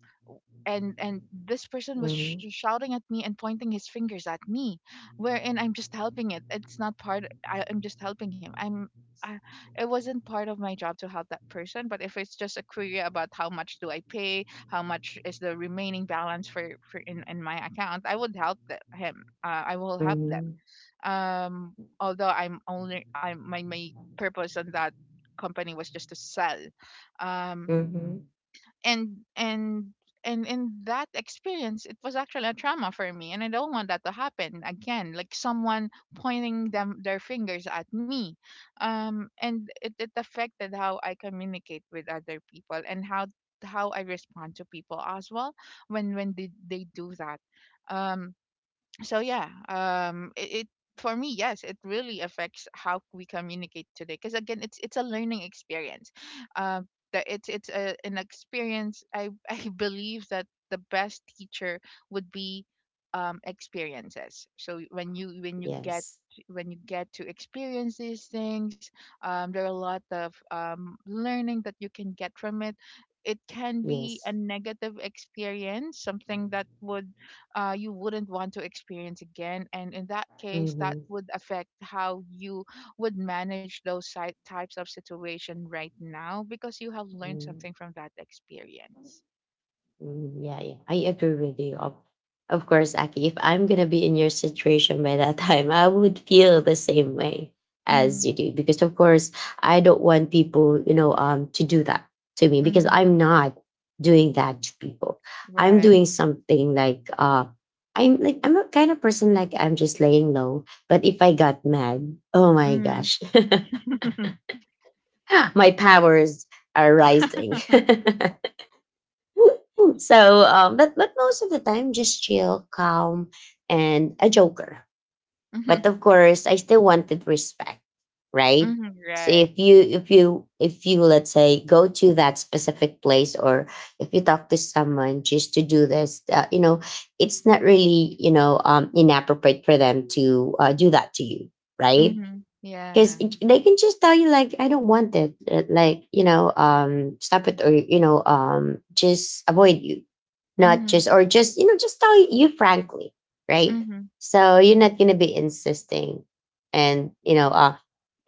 Speaker 3: and and this person was sh-
Speaker 1: mhm,
Speaker 3: shouting at me and pointing his fingers at me, wherein I'm just helping. It it's not part. I, I'm just helping him. I'm I, it wasn't part of my job to help that person, but if it's just a query about how much do I pay, how much is the remaining balance for, for in, in my account, I would help the, him, uh, I will help them.
Speaker 1: mhm,
Speaker 3: Um although I'm only I'm my, my purpose on that company was just to sell. um
Speaker 1: mhm.
Speaker 3: and and and in that experience it was actually a trauma for me, and I don't want that to happen again, like someone pointing them their fingers at me. Um and it, it affected how I communicate with other people and how how I respond to people as well when when they, they do that. um so yeah, um it, it for me, yes, it really affects how we communicate today, because again it's it's a learning experience. um that it's it's a, an experience. I I believe that the best teacher would be um experiences. So when you when you get
Speaker 1: Yes,
Speaker 3: when you get to experience these things, um there are a lot of um learning that you can get from it. It can be a
Speaker 1: yes.
Speaker 3: negative experience, something that would uh, you wouldn't want to experience again. And in that case, that
Speaker 1: Mhm,
Speaker 3: would affect how you would manage those si- types of situation right now, because you have learned
Speaker 1: mhm.
Speaker 3: something from that experience.
Speaker 1: Mm. Yeah, yeah, I agree with you. Of, of course, Aki, if I'm going to be in your situation by that time, I would feel the same way as
Speaker 3: Mm-hmm.
Speaker 1: you do. Because, of course, I don't want people, you know, um, to do that to me because
Speaker 3: Mm-hmm.
Speaker 1: I'm not doing that to people. I'm
Speaker 3: Right.
Speaker 1: doing something like, uh, I'm like, I'm a kind of person, like I'm just laying low. But if I got mad, oh my
Speaker 3: Mm.
Speaker 1: gosh, my powers are rising. So um, but but most of the time, just chill, calm, and a joker. But
Speaker 3: Mm-hmm.
Speaker 1: of course, I still wanted respect, right?
Speaker 3: Mm-hmm.
Speaker 1: So
Speaker 3: Right.
Speaker 1: if you if you if you let's say go to that specific place, or if you talk to someone just to do this, uh, you know, it's not really, you know, um, inappropriate for them to, uh, do that to you, right?
Speaker 3: Mm-hmm. Yeah.
Speaker 1: Because they can just tell you, like, I don't want it. Uh, like, you know, um, stop it, or, you know, um, just avoid you, not
Speaker 3: Mm-hmm.
Speaker 1: just, or just, you know, just tell you frankly, right?
Speaker 3: Mm-hmm.
Speaker 1: So you're
Speaker 3: Yeah.
Speaker 1: not going to be insisting. And you know, uh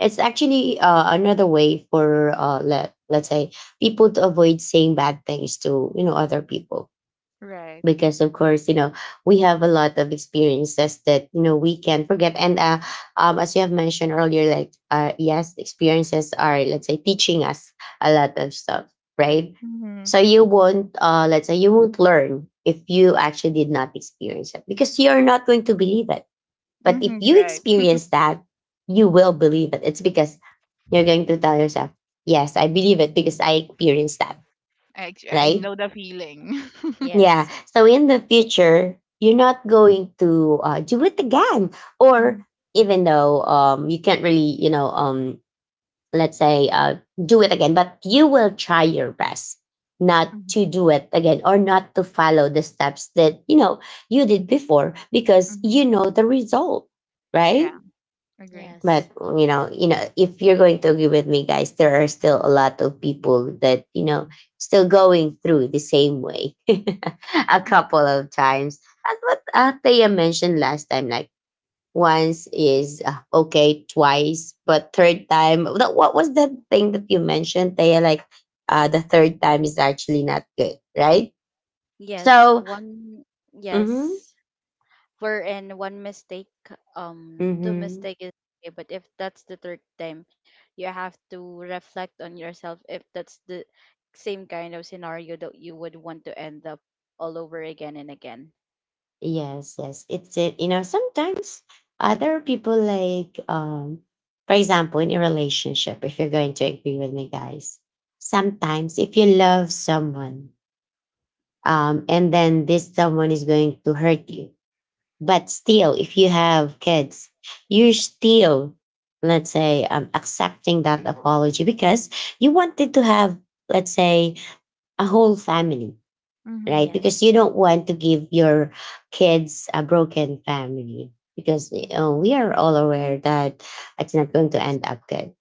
Speaker 1: it's actually, uh, another way for, uh let let's say, people to avoid saying bad things to, you know, other people.
Speaker 3: Right.
Speaker 1: Because of course, you know, we have a lot of experiences that, you know, we can forget. And uh, um, as you have mentioned earlier, like, uh, yes, experiences are, let's say, teaching us a lot of stuff, right?
Speaker 3: Mm-hmm.
Speaker 1: So you won't, uh, let's say, you won't learn if you actually did not experience it, because you're not going to believe it. But if
Speaker 3: Mm-hmm.
Speaker 1: you
Speaker 3: Right.
Speaker 1: experience that, you will believe it, it's because you're going to tell yourself, yes, I believe it because I experienced that,
Speaker 3: I, ex- I know
Speaker 1: right?
Speaker 3: the feeling.
Speaker 1: Yeah.
Speaker 2: Yes.
Speaker 1: So in the future, you're not going to, uh, do it again,
Speaker 3: Mm-hmm.
Speaker 1: or even though, um, you can't really, you know, um, let's say, uh, do it again, but you will try your best not to do it again or not to follow the steps that, you know, you did before, because
Speaker 3: Mm-hmm.
Speaker 1: you know the result, right?
Speaker 3: Yeah. Agree.
Speaker 1: But
Speaker 2: Yes.
Speaker 1: you know, you know, if you're going to agree with me, guys, there are still a lot of people that, you know, still going through the same way a couple of times. As what, uh, Thea mentioned last time, like, once is, uh, okay, twice, but third time. That, what was that thing that you mentioned, Thea? Like, uh, the third time is actually not good, right?
Speaker 2: Yes,
Speaker 1: So,
Speaker 2: one.
Speaker 1: mm-hmm,
Speaker 2: Yes, wherein one mistake, um, two
Speaker 1: mm-hmm.
Speaker 2: mistake is okay, but if that's the third time, you have to reflect on yourself if that's the same kind of scenario that you would want to end up all over again and again.
Speaker 1: Yes, yes. It's it. You know, sometimes, uh, there are people, like, um, for example, in a relationship, if you're going to agree with me, guys, sometimes if you love someone, um, and then this someone is going to hurt you, but still, if you have kids, you're still, let's say, um, accepting that apology because you wanted to have, let's say, a whole family,
Speaker 3: Mm-hmm.
Speaker 1: right? Because you
Speaker 2: Yes.
Speaker 1: don't want to give your kids a broken family, because you know, we are all aware that it's not going to end
Speaker 2: It's
Speaker 1: up good,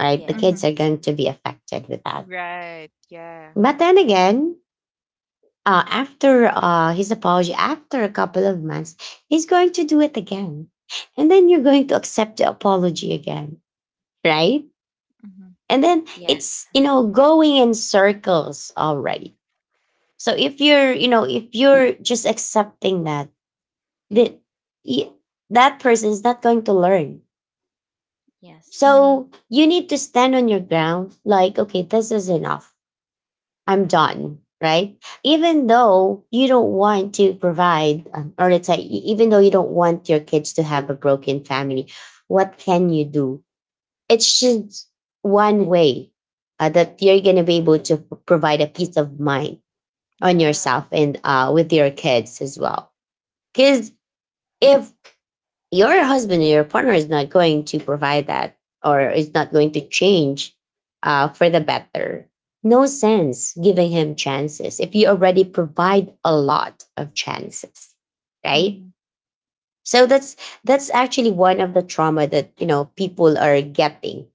Speaker 1: right? The
Speaker 3: Mm-hmm.
Speaker 1: kids are
Speaker 2: yes.
Speaker 1: going to be affected with that.
Speaker 3: Right, yeah.
Speaker 1: But then again, uh, after, uh, his apology, after a couple of months, he's going to do it again. And then you're going to accept the apology again, right?
Speaker 3: Mhm,
Speaker 1: And then
Speaker 2: Yes.
Speaker 1: it's, you know, going in circles already. So if you're, you know, if you're just accepting that, that y- that person is not going to learn.
Speaker 2: Yes.
Speaker 3: mhm.
Speaker 1: So you need to stand on your ground, like, okay, this is enough. I'm done, right? Even though you don't want to provide, um, or let's say, e- even though you don't want your kids to have a broken family, what can you do? It's just one way, uh, that you're going to be able to p- provide a peace of mind on
Speaker 3: Yeah.
Speaker 1: yourself and, uh, with your kids as well. Because if your husband or your partner is not going to provide that, or is not going to change, uh, for the better, no sense giving him chances if you already provide a lot of chances, right?
Speaker 3: Mhm.
Speaker 1: So that's that's actually one of the trauma that, you know, people are getting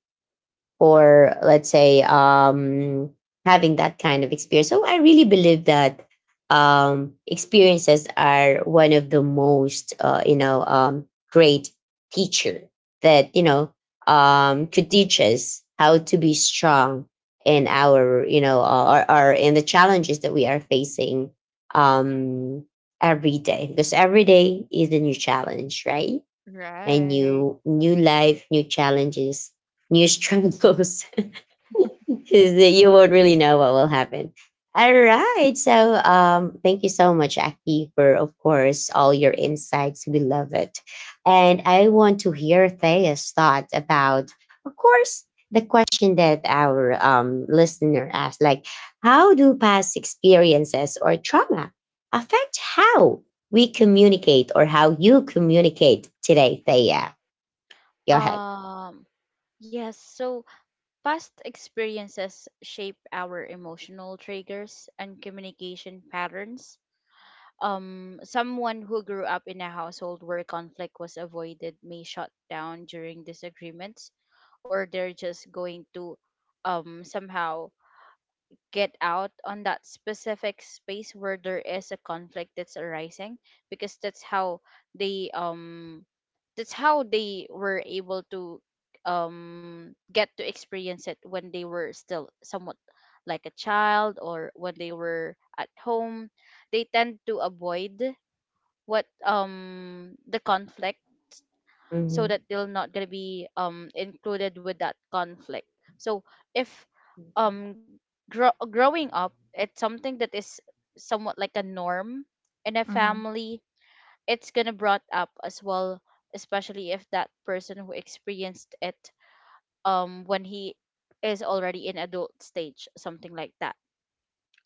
Speaker 1: for, let's say, um, having that kind of experience. So I really believe that um, experiences are one of the most, uh, you know, um, great teacher that, you know, um, could teach us how to be strong in our, you know, uh, or, or in the challenges that we are facing, um, every day, because every day is a new challenge, right? And
Speaker 3: Right.
Speaker 1: new, new life new challenges, new struggles. Because you won't really know what will happen. All right. So um, thank you so much, Aki, for, of course, all your insights. We love it. And I want to hear Thea's thought about, of course, the question that our, um, listener asked, like, how do past experiences or trauma affect how we communicate or how you communicate today, Thea? Go ahead.
Speaker 2: Um, yes, so past experiences shape our emotional triggers and communication patterns. Um, someone who grew up in a household where conflict was avoided may shut down during disagreements, or they're just going to, um, somehow get out on that specific space where there is a conflict that's arising, because that's how they, um that's how they were able to um get to experience it when they were still somewhat like a child, or when they were at home they tend to avoid what, um the conflict, so that
Speaker 1: Mhm.
Speaker 2: they will not going to be um included with that conflict. So if, um, grow- growing up it's something that is somewhat like a norm in a
Speaker 3: Mhm.
Speaker 2: family, it's going to brought up as well, especially if that person who experienced it, um, when he is already in adult stage, something like that.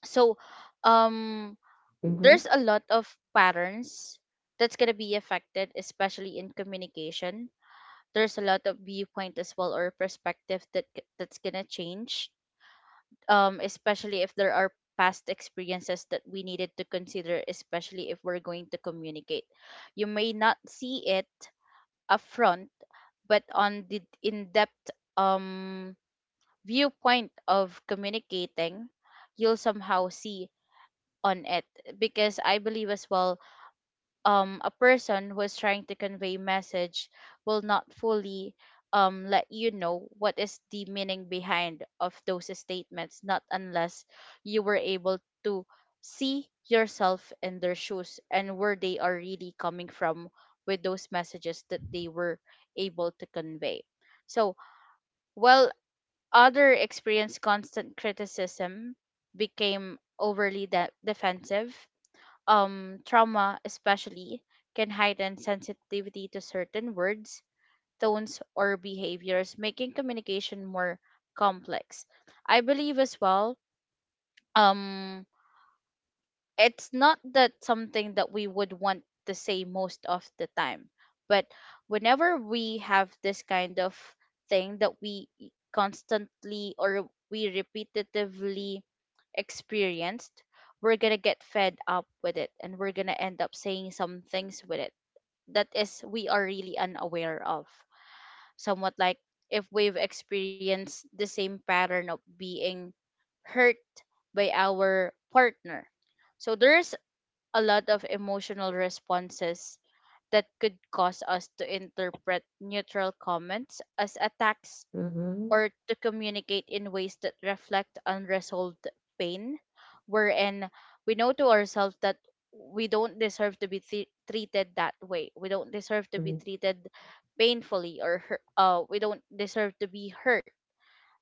Speaker 2: So, um,
Speaker 1: Mhm.
Speaker 2: there's a lot of patterns that's going to be affected, especially in communication. There's a lot of viewpoint as well, or perspective that g- that's gonna change, um, especially if there are past experiences that we needed to consider, especially if we're going to communicate. You may not see it upfront, but on the in-depth, um, viewpoint of communicating, you'll somehow see on it, because I believe as well, um, a person who is trying to convey message will not fully, um, let you know what is the meaning behind of those statements, not unless you were able to see yourself in their shoes and where they are really coming from with those messages that they were able to convey. So while other experienced constant criticism, became overly de- defensive, um, trauma especially can heighten sensitivity to certain words, tones, or behaviors, making communication more complex. I believe as well. Um, it's not that something that we would want to say most of the time, but whenever we have this kind of thing that we constantly or we repetitively experienced, we're gonna get fed up with it and we're gonna end up saying some things with it that is we are really unaware of, somewhat like if we've experienced the same pattern of being hurt by our partner. So there's a lot of emotional responses that could cause us to interpret neutral comments as attacks,
Speaker 1: Mhm.
Speaker 2: or to communicate in ways that reflect unresolved pain, wherein we know to ourselves that we don't deserve to be th- treated that way. We don't deserve to be
Speaker 1: Mhm.
Speaker 2: treated painfully or hurt. Uh, we don't deserve to be hurt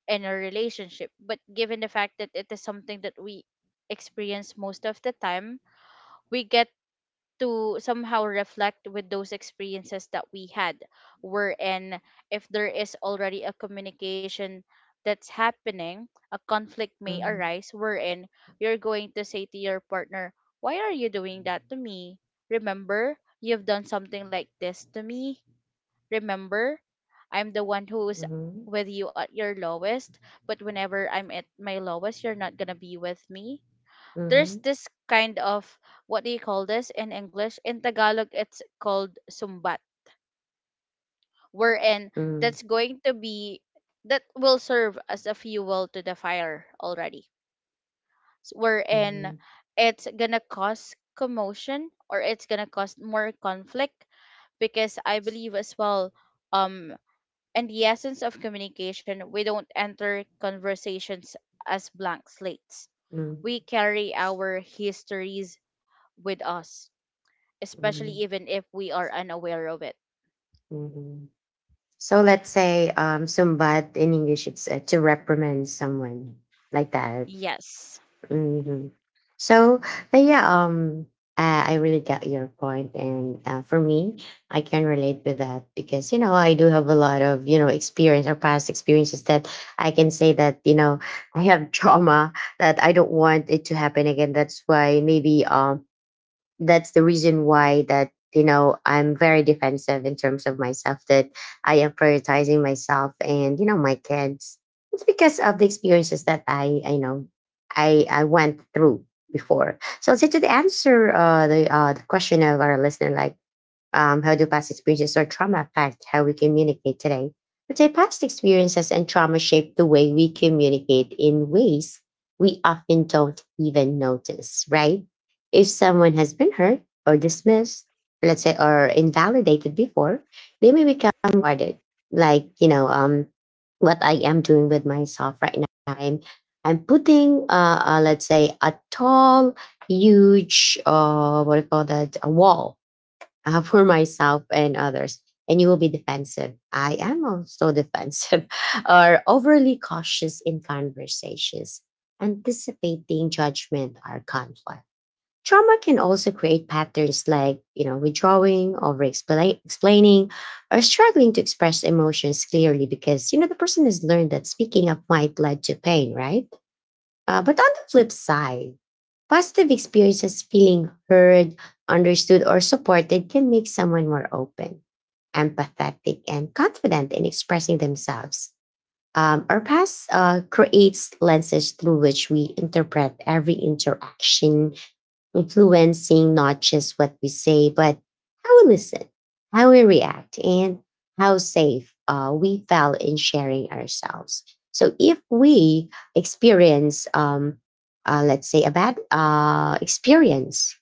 Speaker 2: in a relationship. But given the fact that it is something that we experience most of the time, we get to somehow reflect with those experiences that we had, wherein if there is already a communication that's happening, a conflict may
Speaker 1: Mhm,
Speaker 2: arise, wherein you're going to say to your partner, why are you doing that to me? Remember, you've done something like this to me. Remember, I'm the one who's
Speaker 1: mhm,
Speaker 2: with you at your lowest, but whenever I'm at my lowest you're not gonna be with me. There's
Speaker 1: mhm,
Speaker 2: this kind of, what do you call this in English? In Tagalog, it's called sumbat, wherein
Speaker 1: mm,
Speaker 2: that's going to be, that will serve as a fuel to the fire already. S- Wherein
Speaker 1: mhm,
Speaker 2: it's gonna cause commotion, or it's gonna cause more conflict. Because I believe as well, um, in the essence of communication, we don't enter conversations as blank slates.
Speaker 1: mhm,
Speaker 2: We carry our histories with us, especially
Speaker 1: mhm,
Speaker 2: even if we are unaware of it.
Speaker 1: mhm. So let's say um sumbat in English, it's, uh, to reprimand someone like that.
Speaker 2: Yes.
Speaker 1: Hmm. So uh, yeah, um, I, I really get your point, and uh, for me, I can relate with that because you know, I do have a lot of, you know, experience or past experiences that I can say that, you know, I have trauma that I don't want it to happen again. That's why maybe, um, that's the reason why that, you know, I'm very defensive in terms of myself, that I am prioritizing myself and, you know, my kids. It's because of the experiences that i i know i i went through before. So to the answer, uh the uh the question of our listener, like, um, how do past experiences or trauma affect how we communicate today? But say past experiences and trauma shape the way we communicate in ways we often don't even notice, right? If someone has been hurt or dismissed, let's say, or invalidated before, they may become guarded. Like, you know, um, what I am doing with myself right now. I'm, I'm putting, uh, uh, let's say, a tall, huge, uh, what do you call that, a wall uh, for myself and others. And you will be defensive. I am also defensive or overly cautious in conversations, anticipating judgment or conflict. Trauma can also create patterns like, you know, withdrawing, over explaining, or struggling to express emotions clearly because, you know, the person has learned that speaking up might lead to pain, right? Uh, but on the flip side, positive experiences feeling heard, understood, or supported can make someone more open, empathetic, and confident in expressing themselves. Um, our past uh, creates lenses through which we interpret every interaction, influencing not just what we say, but how we listen, how we react, and how safe uh, we felt in sharing ourselves. So if we experience, um, uh, let's say, a bad uh, experience,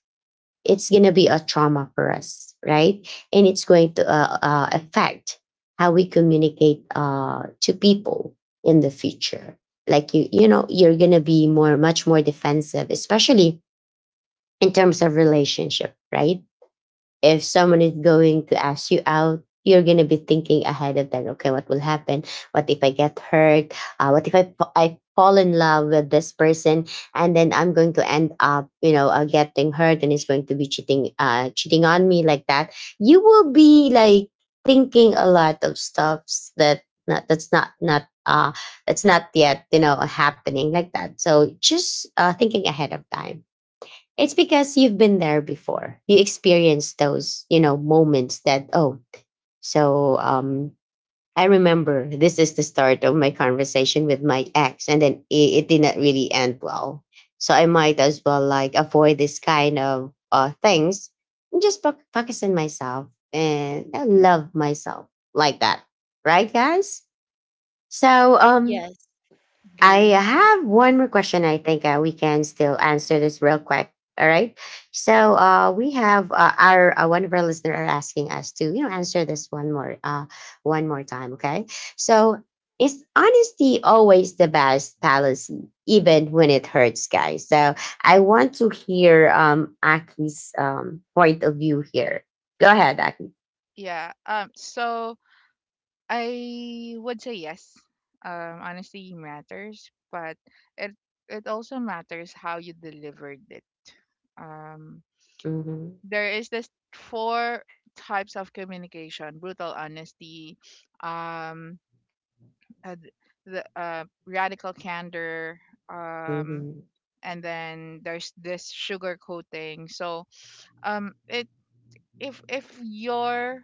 Speaker 1: it's going to be a trauma for us, right? And it's going to uh, uh, affect how we communicate uh, to people in the future. Like you, you know, you're gonna be more, much more defensive, especially in terms of relationship, right? If someone is going to ask you out, you're gonna be thinking ahead of that. Okay, what will happen? What if I get hurt? Uh, what if I fa- I fall in love with this person and then I'm going to end up, you know, uh, getting hurt and it's going to be cheating, uh, cheating on me like that. You will be like thinking a lot of stuffs that not, that's not not uh that's not yet you know happening like that. So just uh, thinking ahead of time it's because you've been there before. You experienced those, you know, moments that, oh, so um I remember this is the start of my conversation with my ex, and then it, it did not really end well. So I might as well like avoid this kind of uh things and just foc- focus on myself and I love myself like that. Right, guys? So um
Speaker 2: Yes.
Speaker 1: I
Speaker 3: Agree.
Speaker 1: have one more question. I think uh, we can still answer this real quick. All right. So uh, we have uh, our uh, one of our listeners are asking us to you know answer this one more uh, one more time. Okay. So is honesty always the best policy, even when it hurts, guys? So I want to hear um Aki's um point of view here. Go ahead, Aki.
Speaker 3: Yeah. Um, so I would say yes. Um, honesty matters, but it it also matters how you delivered it. Um,
Speaker 1: Mm-hmm,
Speaker 3: there is this four types of communication: brutal honesty, um, uh, the uh, radical candor, um,
Speaker 1: mm-hmm,
Speaker 3: and then there's this sugar coating. So um it if if you're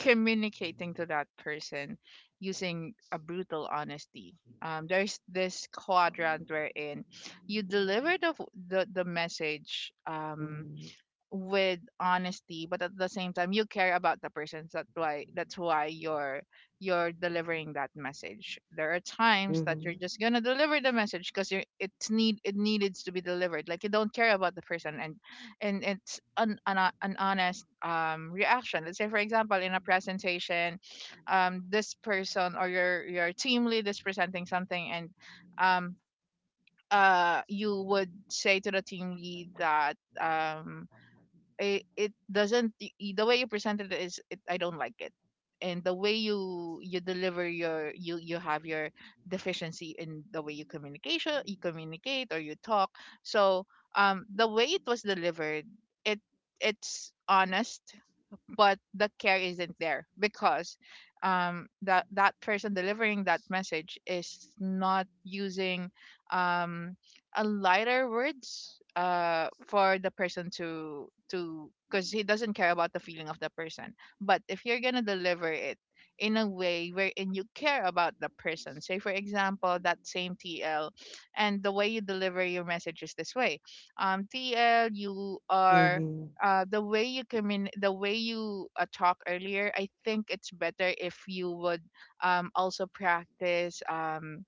Speaker 3: communicating to that person using a brutal honesty, um there's this quadrant wherein you deliver the the, the message um
Speaker 1: mm-hmm,
Speaker 3: with honesty, but at the same time you care about the person. So that's why that's why you're you're delivering that message. There are times that you're
Speaker 1: mm-hmm,
Speaker 3: just gonna deliver the message because you it's need it needed to be delivered, like you don't care about the person. And and it's an an, ho- an honest um reaction. Let's say for example in a presentation, um this person or your your team lead is presenting something. And um uh you would say to the team lead that um it, it doesn't y- y- the way you presented it is it, I don't like it. And the way you you deliver your you you have your deficiency in the way you communication you communicate or you talk. So um the way it was delivered, it it's honest, but the care isn't there because um that that person delivering that message is not using um a lighter words uh for the person to to because he doesn't care about the feeling of the person. But if you're gonna deliver it in a way wherein you care about the person, say for example that same TL, and the way you deliver your message is this way: um TL, you are,
Speaker 1: mm-hmm,
Speaker 3: uh, the way you commun- the way you uh, talk earlier, I think it's better if you would um, also practice um,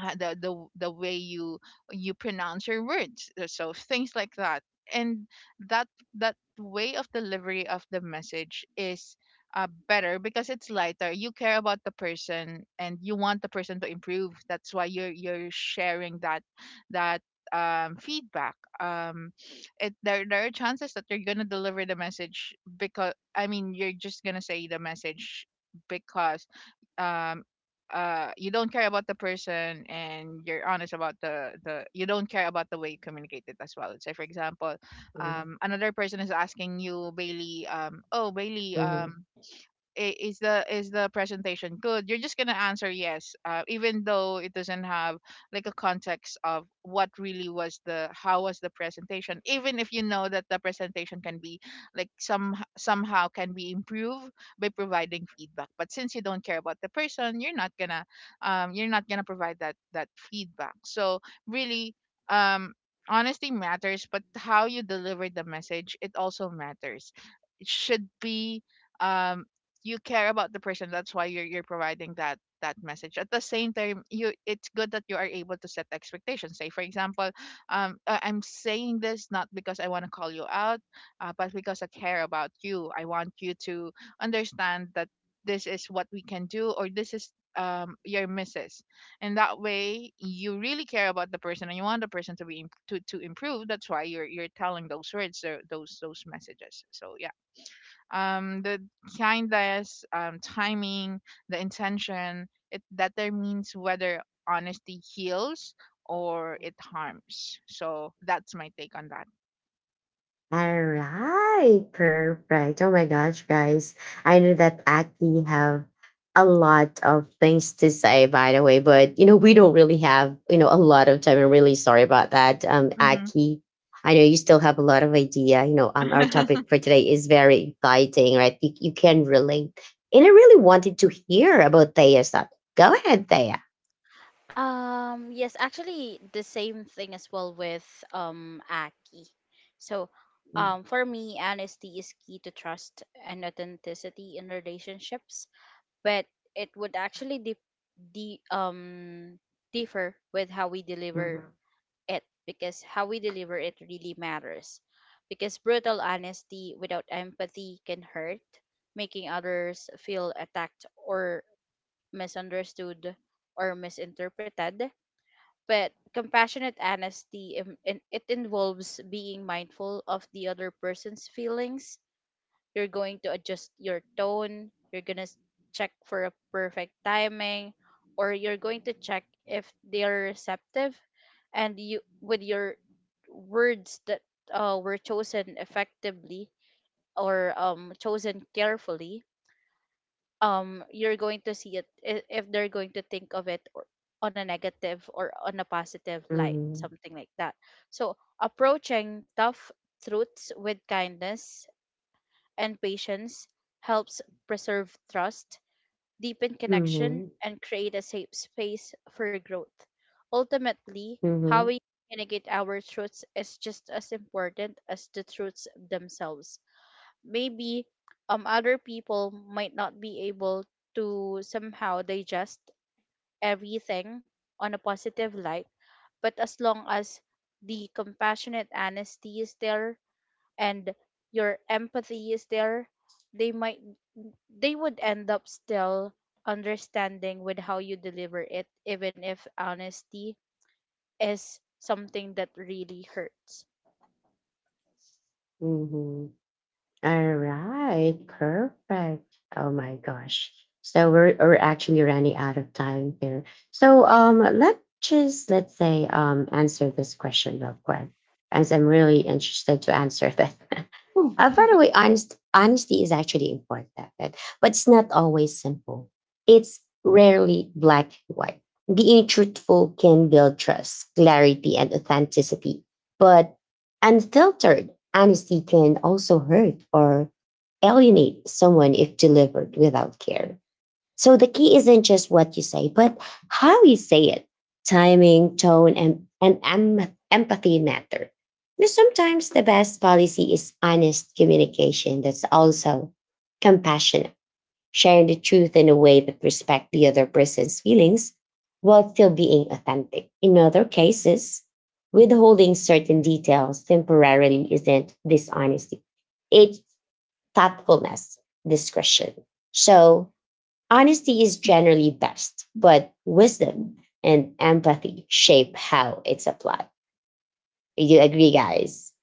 Speaker 3: uh, the the the way you you pronounce your words, uh, so things like that. And that that way of delivery of the message is uh, better, because it's lighter, you care about the person and you want the person to improve. That's why you're you're sharing that that um, feedback. Um it there, there are chances that you're gonna deliver the message because I mean you're just gonna say the message because um uh you don't care about the person, and you're honest about the the you don't care about the way you communicate it as well. Say for example, um another person is asking you, Bailey, um oh Bailey,
Speaker 1: mm-hmm.
Speaker 3: um i- is the is the presentation good? You're just going to answer yes, uh, even though it doesn't have like a context of what really was the how was the presentation, even if you know that the presentation can be like some somehow can be improved by providing feedback. But since you don't care about the person, you're not going to um, you're not going to provide that that feedback. So really um, honesty matters, but how you deliver the message, it also matters. It should be um you care about the person. That's why you're you're providing that that message. At the same time, you it's good that you are able to set expectations. Say for example, um "Uh, I'm saying this not because I want to call you out, uh, but because I care about you. I want you to understand that this is what we can do, or this is um your misses." And that way you really care about the person and you want the person to be imp- to, to improve. That's why you're you're telling those words tho- those those messages. So yeah, um the kindness, um timing, the intention, it determines whether honesty heals or it harms. So that's my take on that.
Speaker 1: All right, perfect. Oh my gosh, guys. I know that Aki have a lot of things to say, by the way, but you know, we don't really have, you know, a lot of time. I'm really sorry about that. Um,
Speaker 3: Hmm.
Speaker 1: Aki, I know you still have a lot of idea. You know, um, our topic for today is very exciting, right? You, you can relate. And I really wanted to hear about Thea's topic. Go ahead, Thea.
Speaker 2: Um, yes, actually the same thing as well with, um, Aki. So, um, for me honesty is key to trust and authenticity in relationships, but it would actually de- de- um differ with how we deliver it, because how we deliver it really matters. Because brutal honesty without empathy can hurt, making others feel attacked or misunderstood, or misinterpreted. But compassionate honesty, im- in- it involves being mindful of the other person's feelings. You're going to adjust your tone. You're going to check for a perfect timing, or you're going to check if they're receptive, and you with your words that, uh, were chosen effectively, or, um, chosen carefully. Um, you're going to see it, i- if they're going to think of it or on a negative or on a positive light,
Speaker 1: Mhm.
Speaker 2: something like that. So approaching tough truths with kindness and patience helps preserve trust, deepen connection,
Speaker 1: Mhm.
Speaker 2: and create a safe space for growth. Ultimately, how
Speaker 1: Mhm.
Speaker 2: we communicate our truths is just as important as the truths themselves. Maybe, um, other people might not be able to somehow digest everything on a positive light, but as long as the compassionate honesty is there and your empathy is there, they might, they would end up still understanding with how you deliver it, even if honesty is something that really hurts.
Speaker 1: Mhm. All right, perfect. Oh my gosh. So we're we're actually running out of time here. So um let's just let's say um answer this question real quick. As I'm really interested to answer that. uh, by the way, honest, honesty is actually important, right? But it's not always simple. It's rarely black and white. Being truthful can build trust, clarity, and authenticity, but unfiltered honesty can also hurt or alienate someone if delivered without care. So the key isn't just what you say, but how you say it. Timing, tone, and, and em- empathy matter. You know, sometimes the best policy is honest communication that's also compassionate sharing the truth in a way that respects the other person's feelings while still being authentic. In other cases, withholding certain details temporarily isn't dishonesty, it's thoughtfulness, discretion. So, honesty is generally best, but wisdom and empathy shape how it's applied. Do you agree, guys?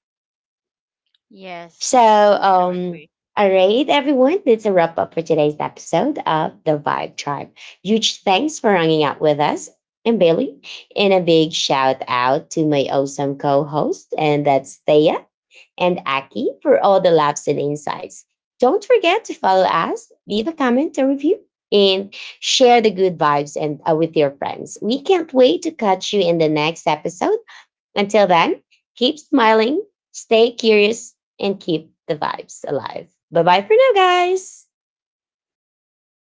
Speaker 2: Yes.
Speaker 1: So, um,
Speaker 3: Definitely.
Speaker 1: all right, everyone, that's a wrap up for today's episode of The Vibe Tribe. Huge thanks for hanging out with us and Bailey. And a big shout out to my awesome co host, and that's Thea and Aki, for all the laughs and insights. Don't forget to follow us, leave a comment or review, and share the good vibes and uh, with your friends. We can't wait to catch you in the next episode until then, keep smiling, stay curious, and keep the vibes alive. Bye bye for now, guys.
Speaker 2: Bye, guys.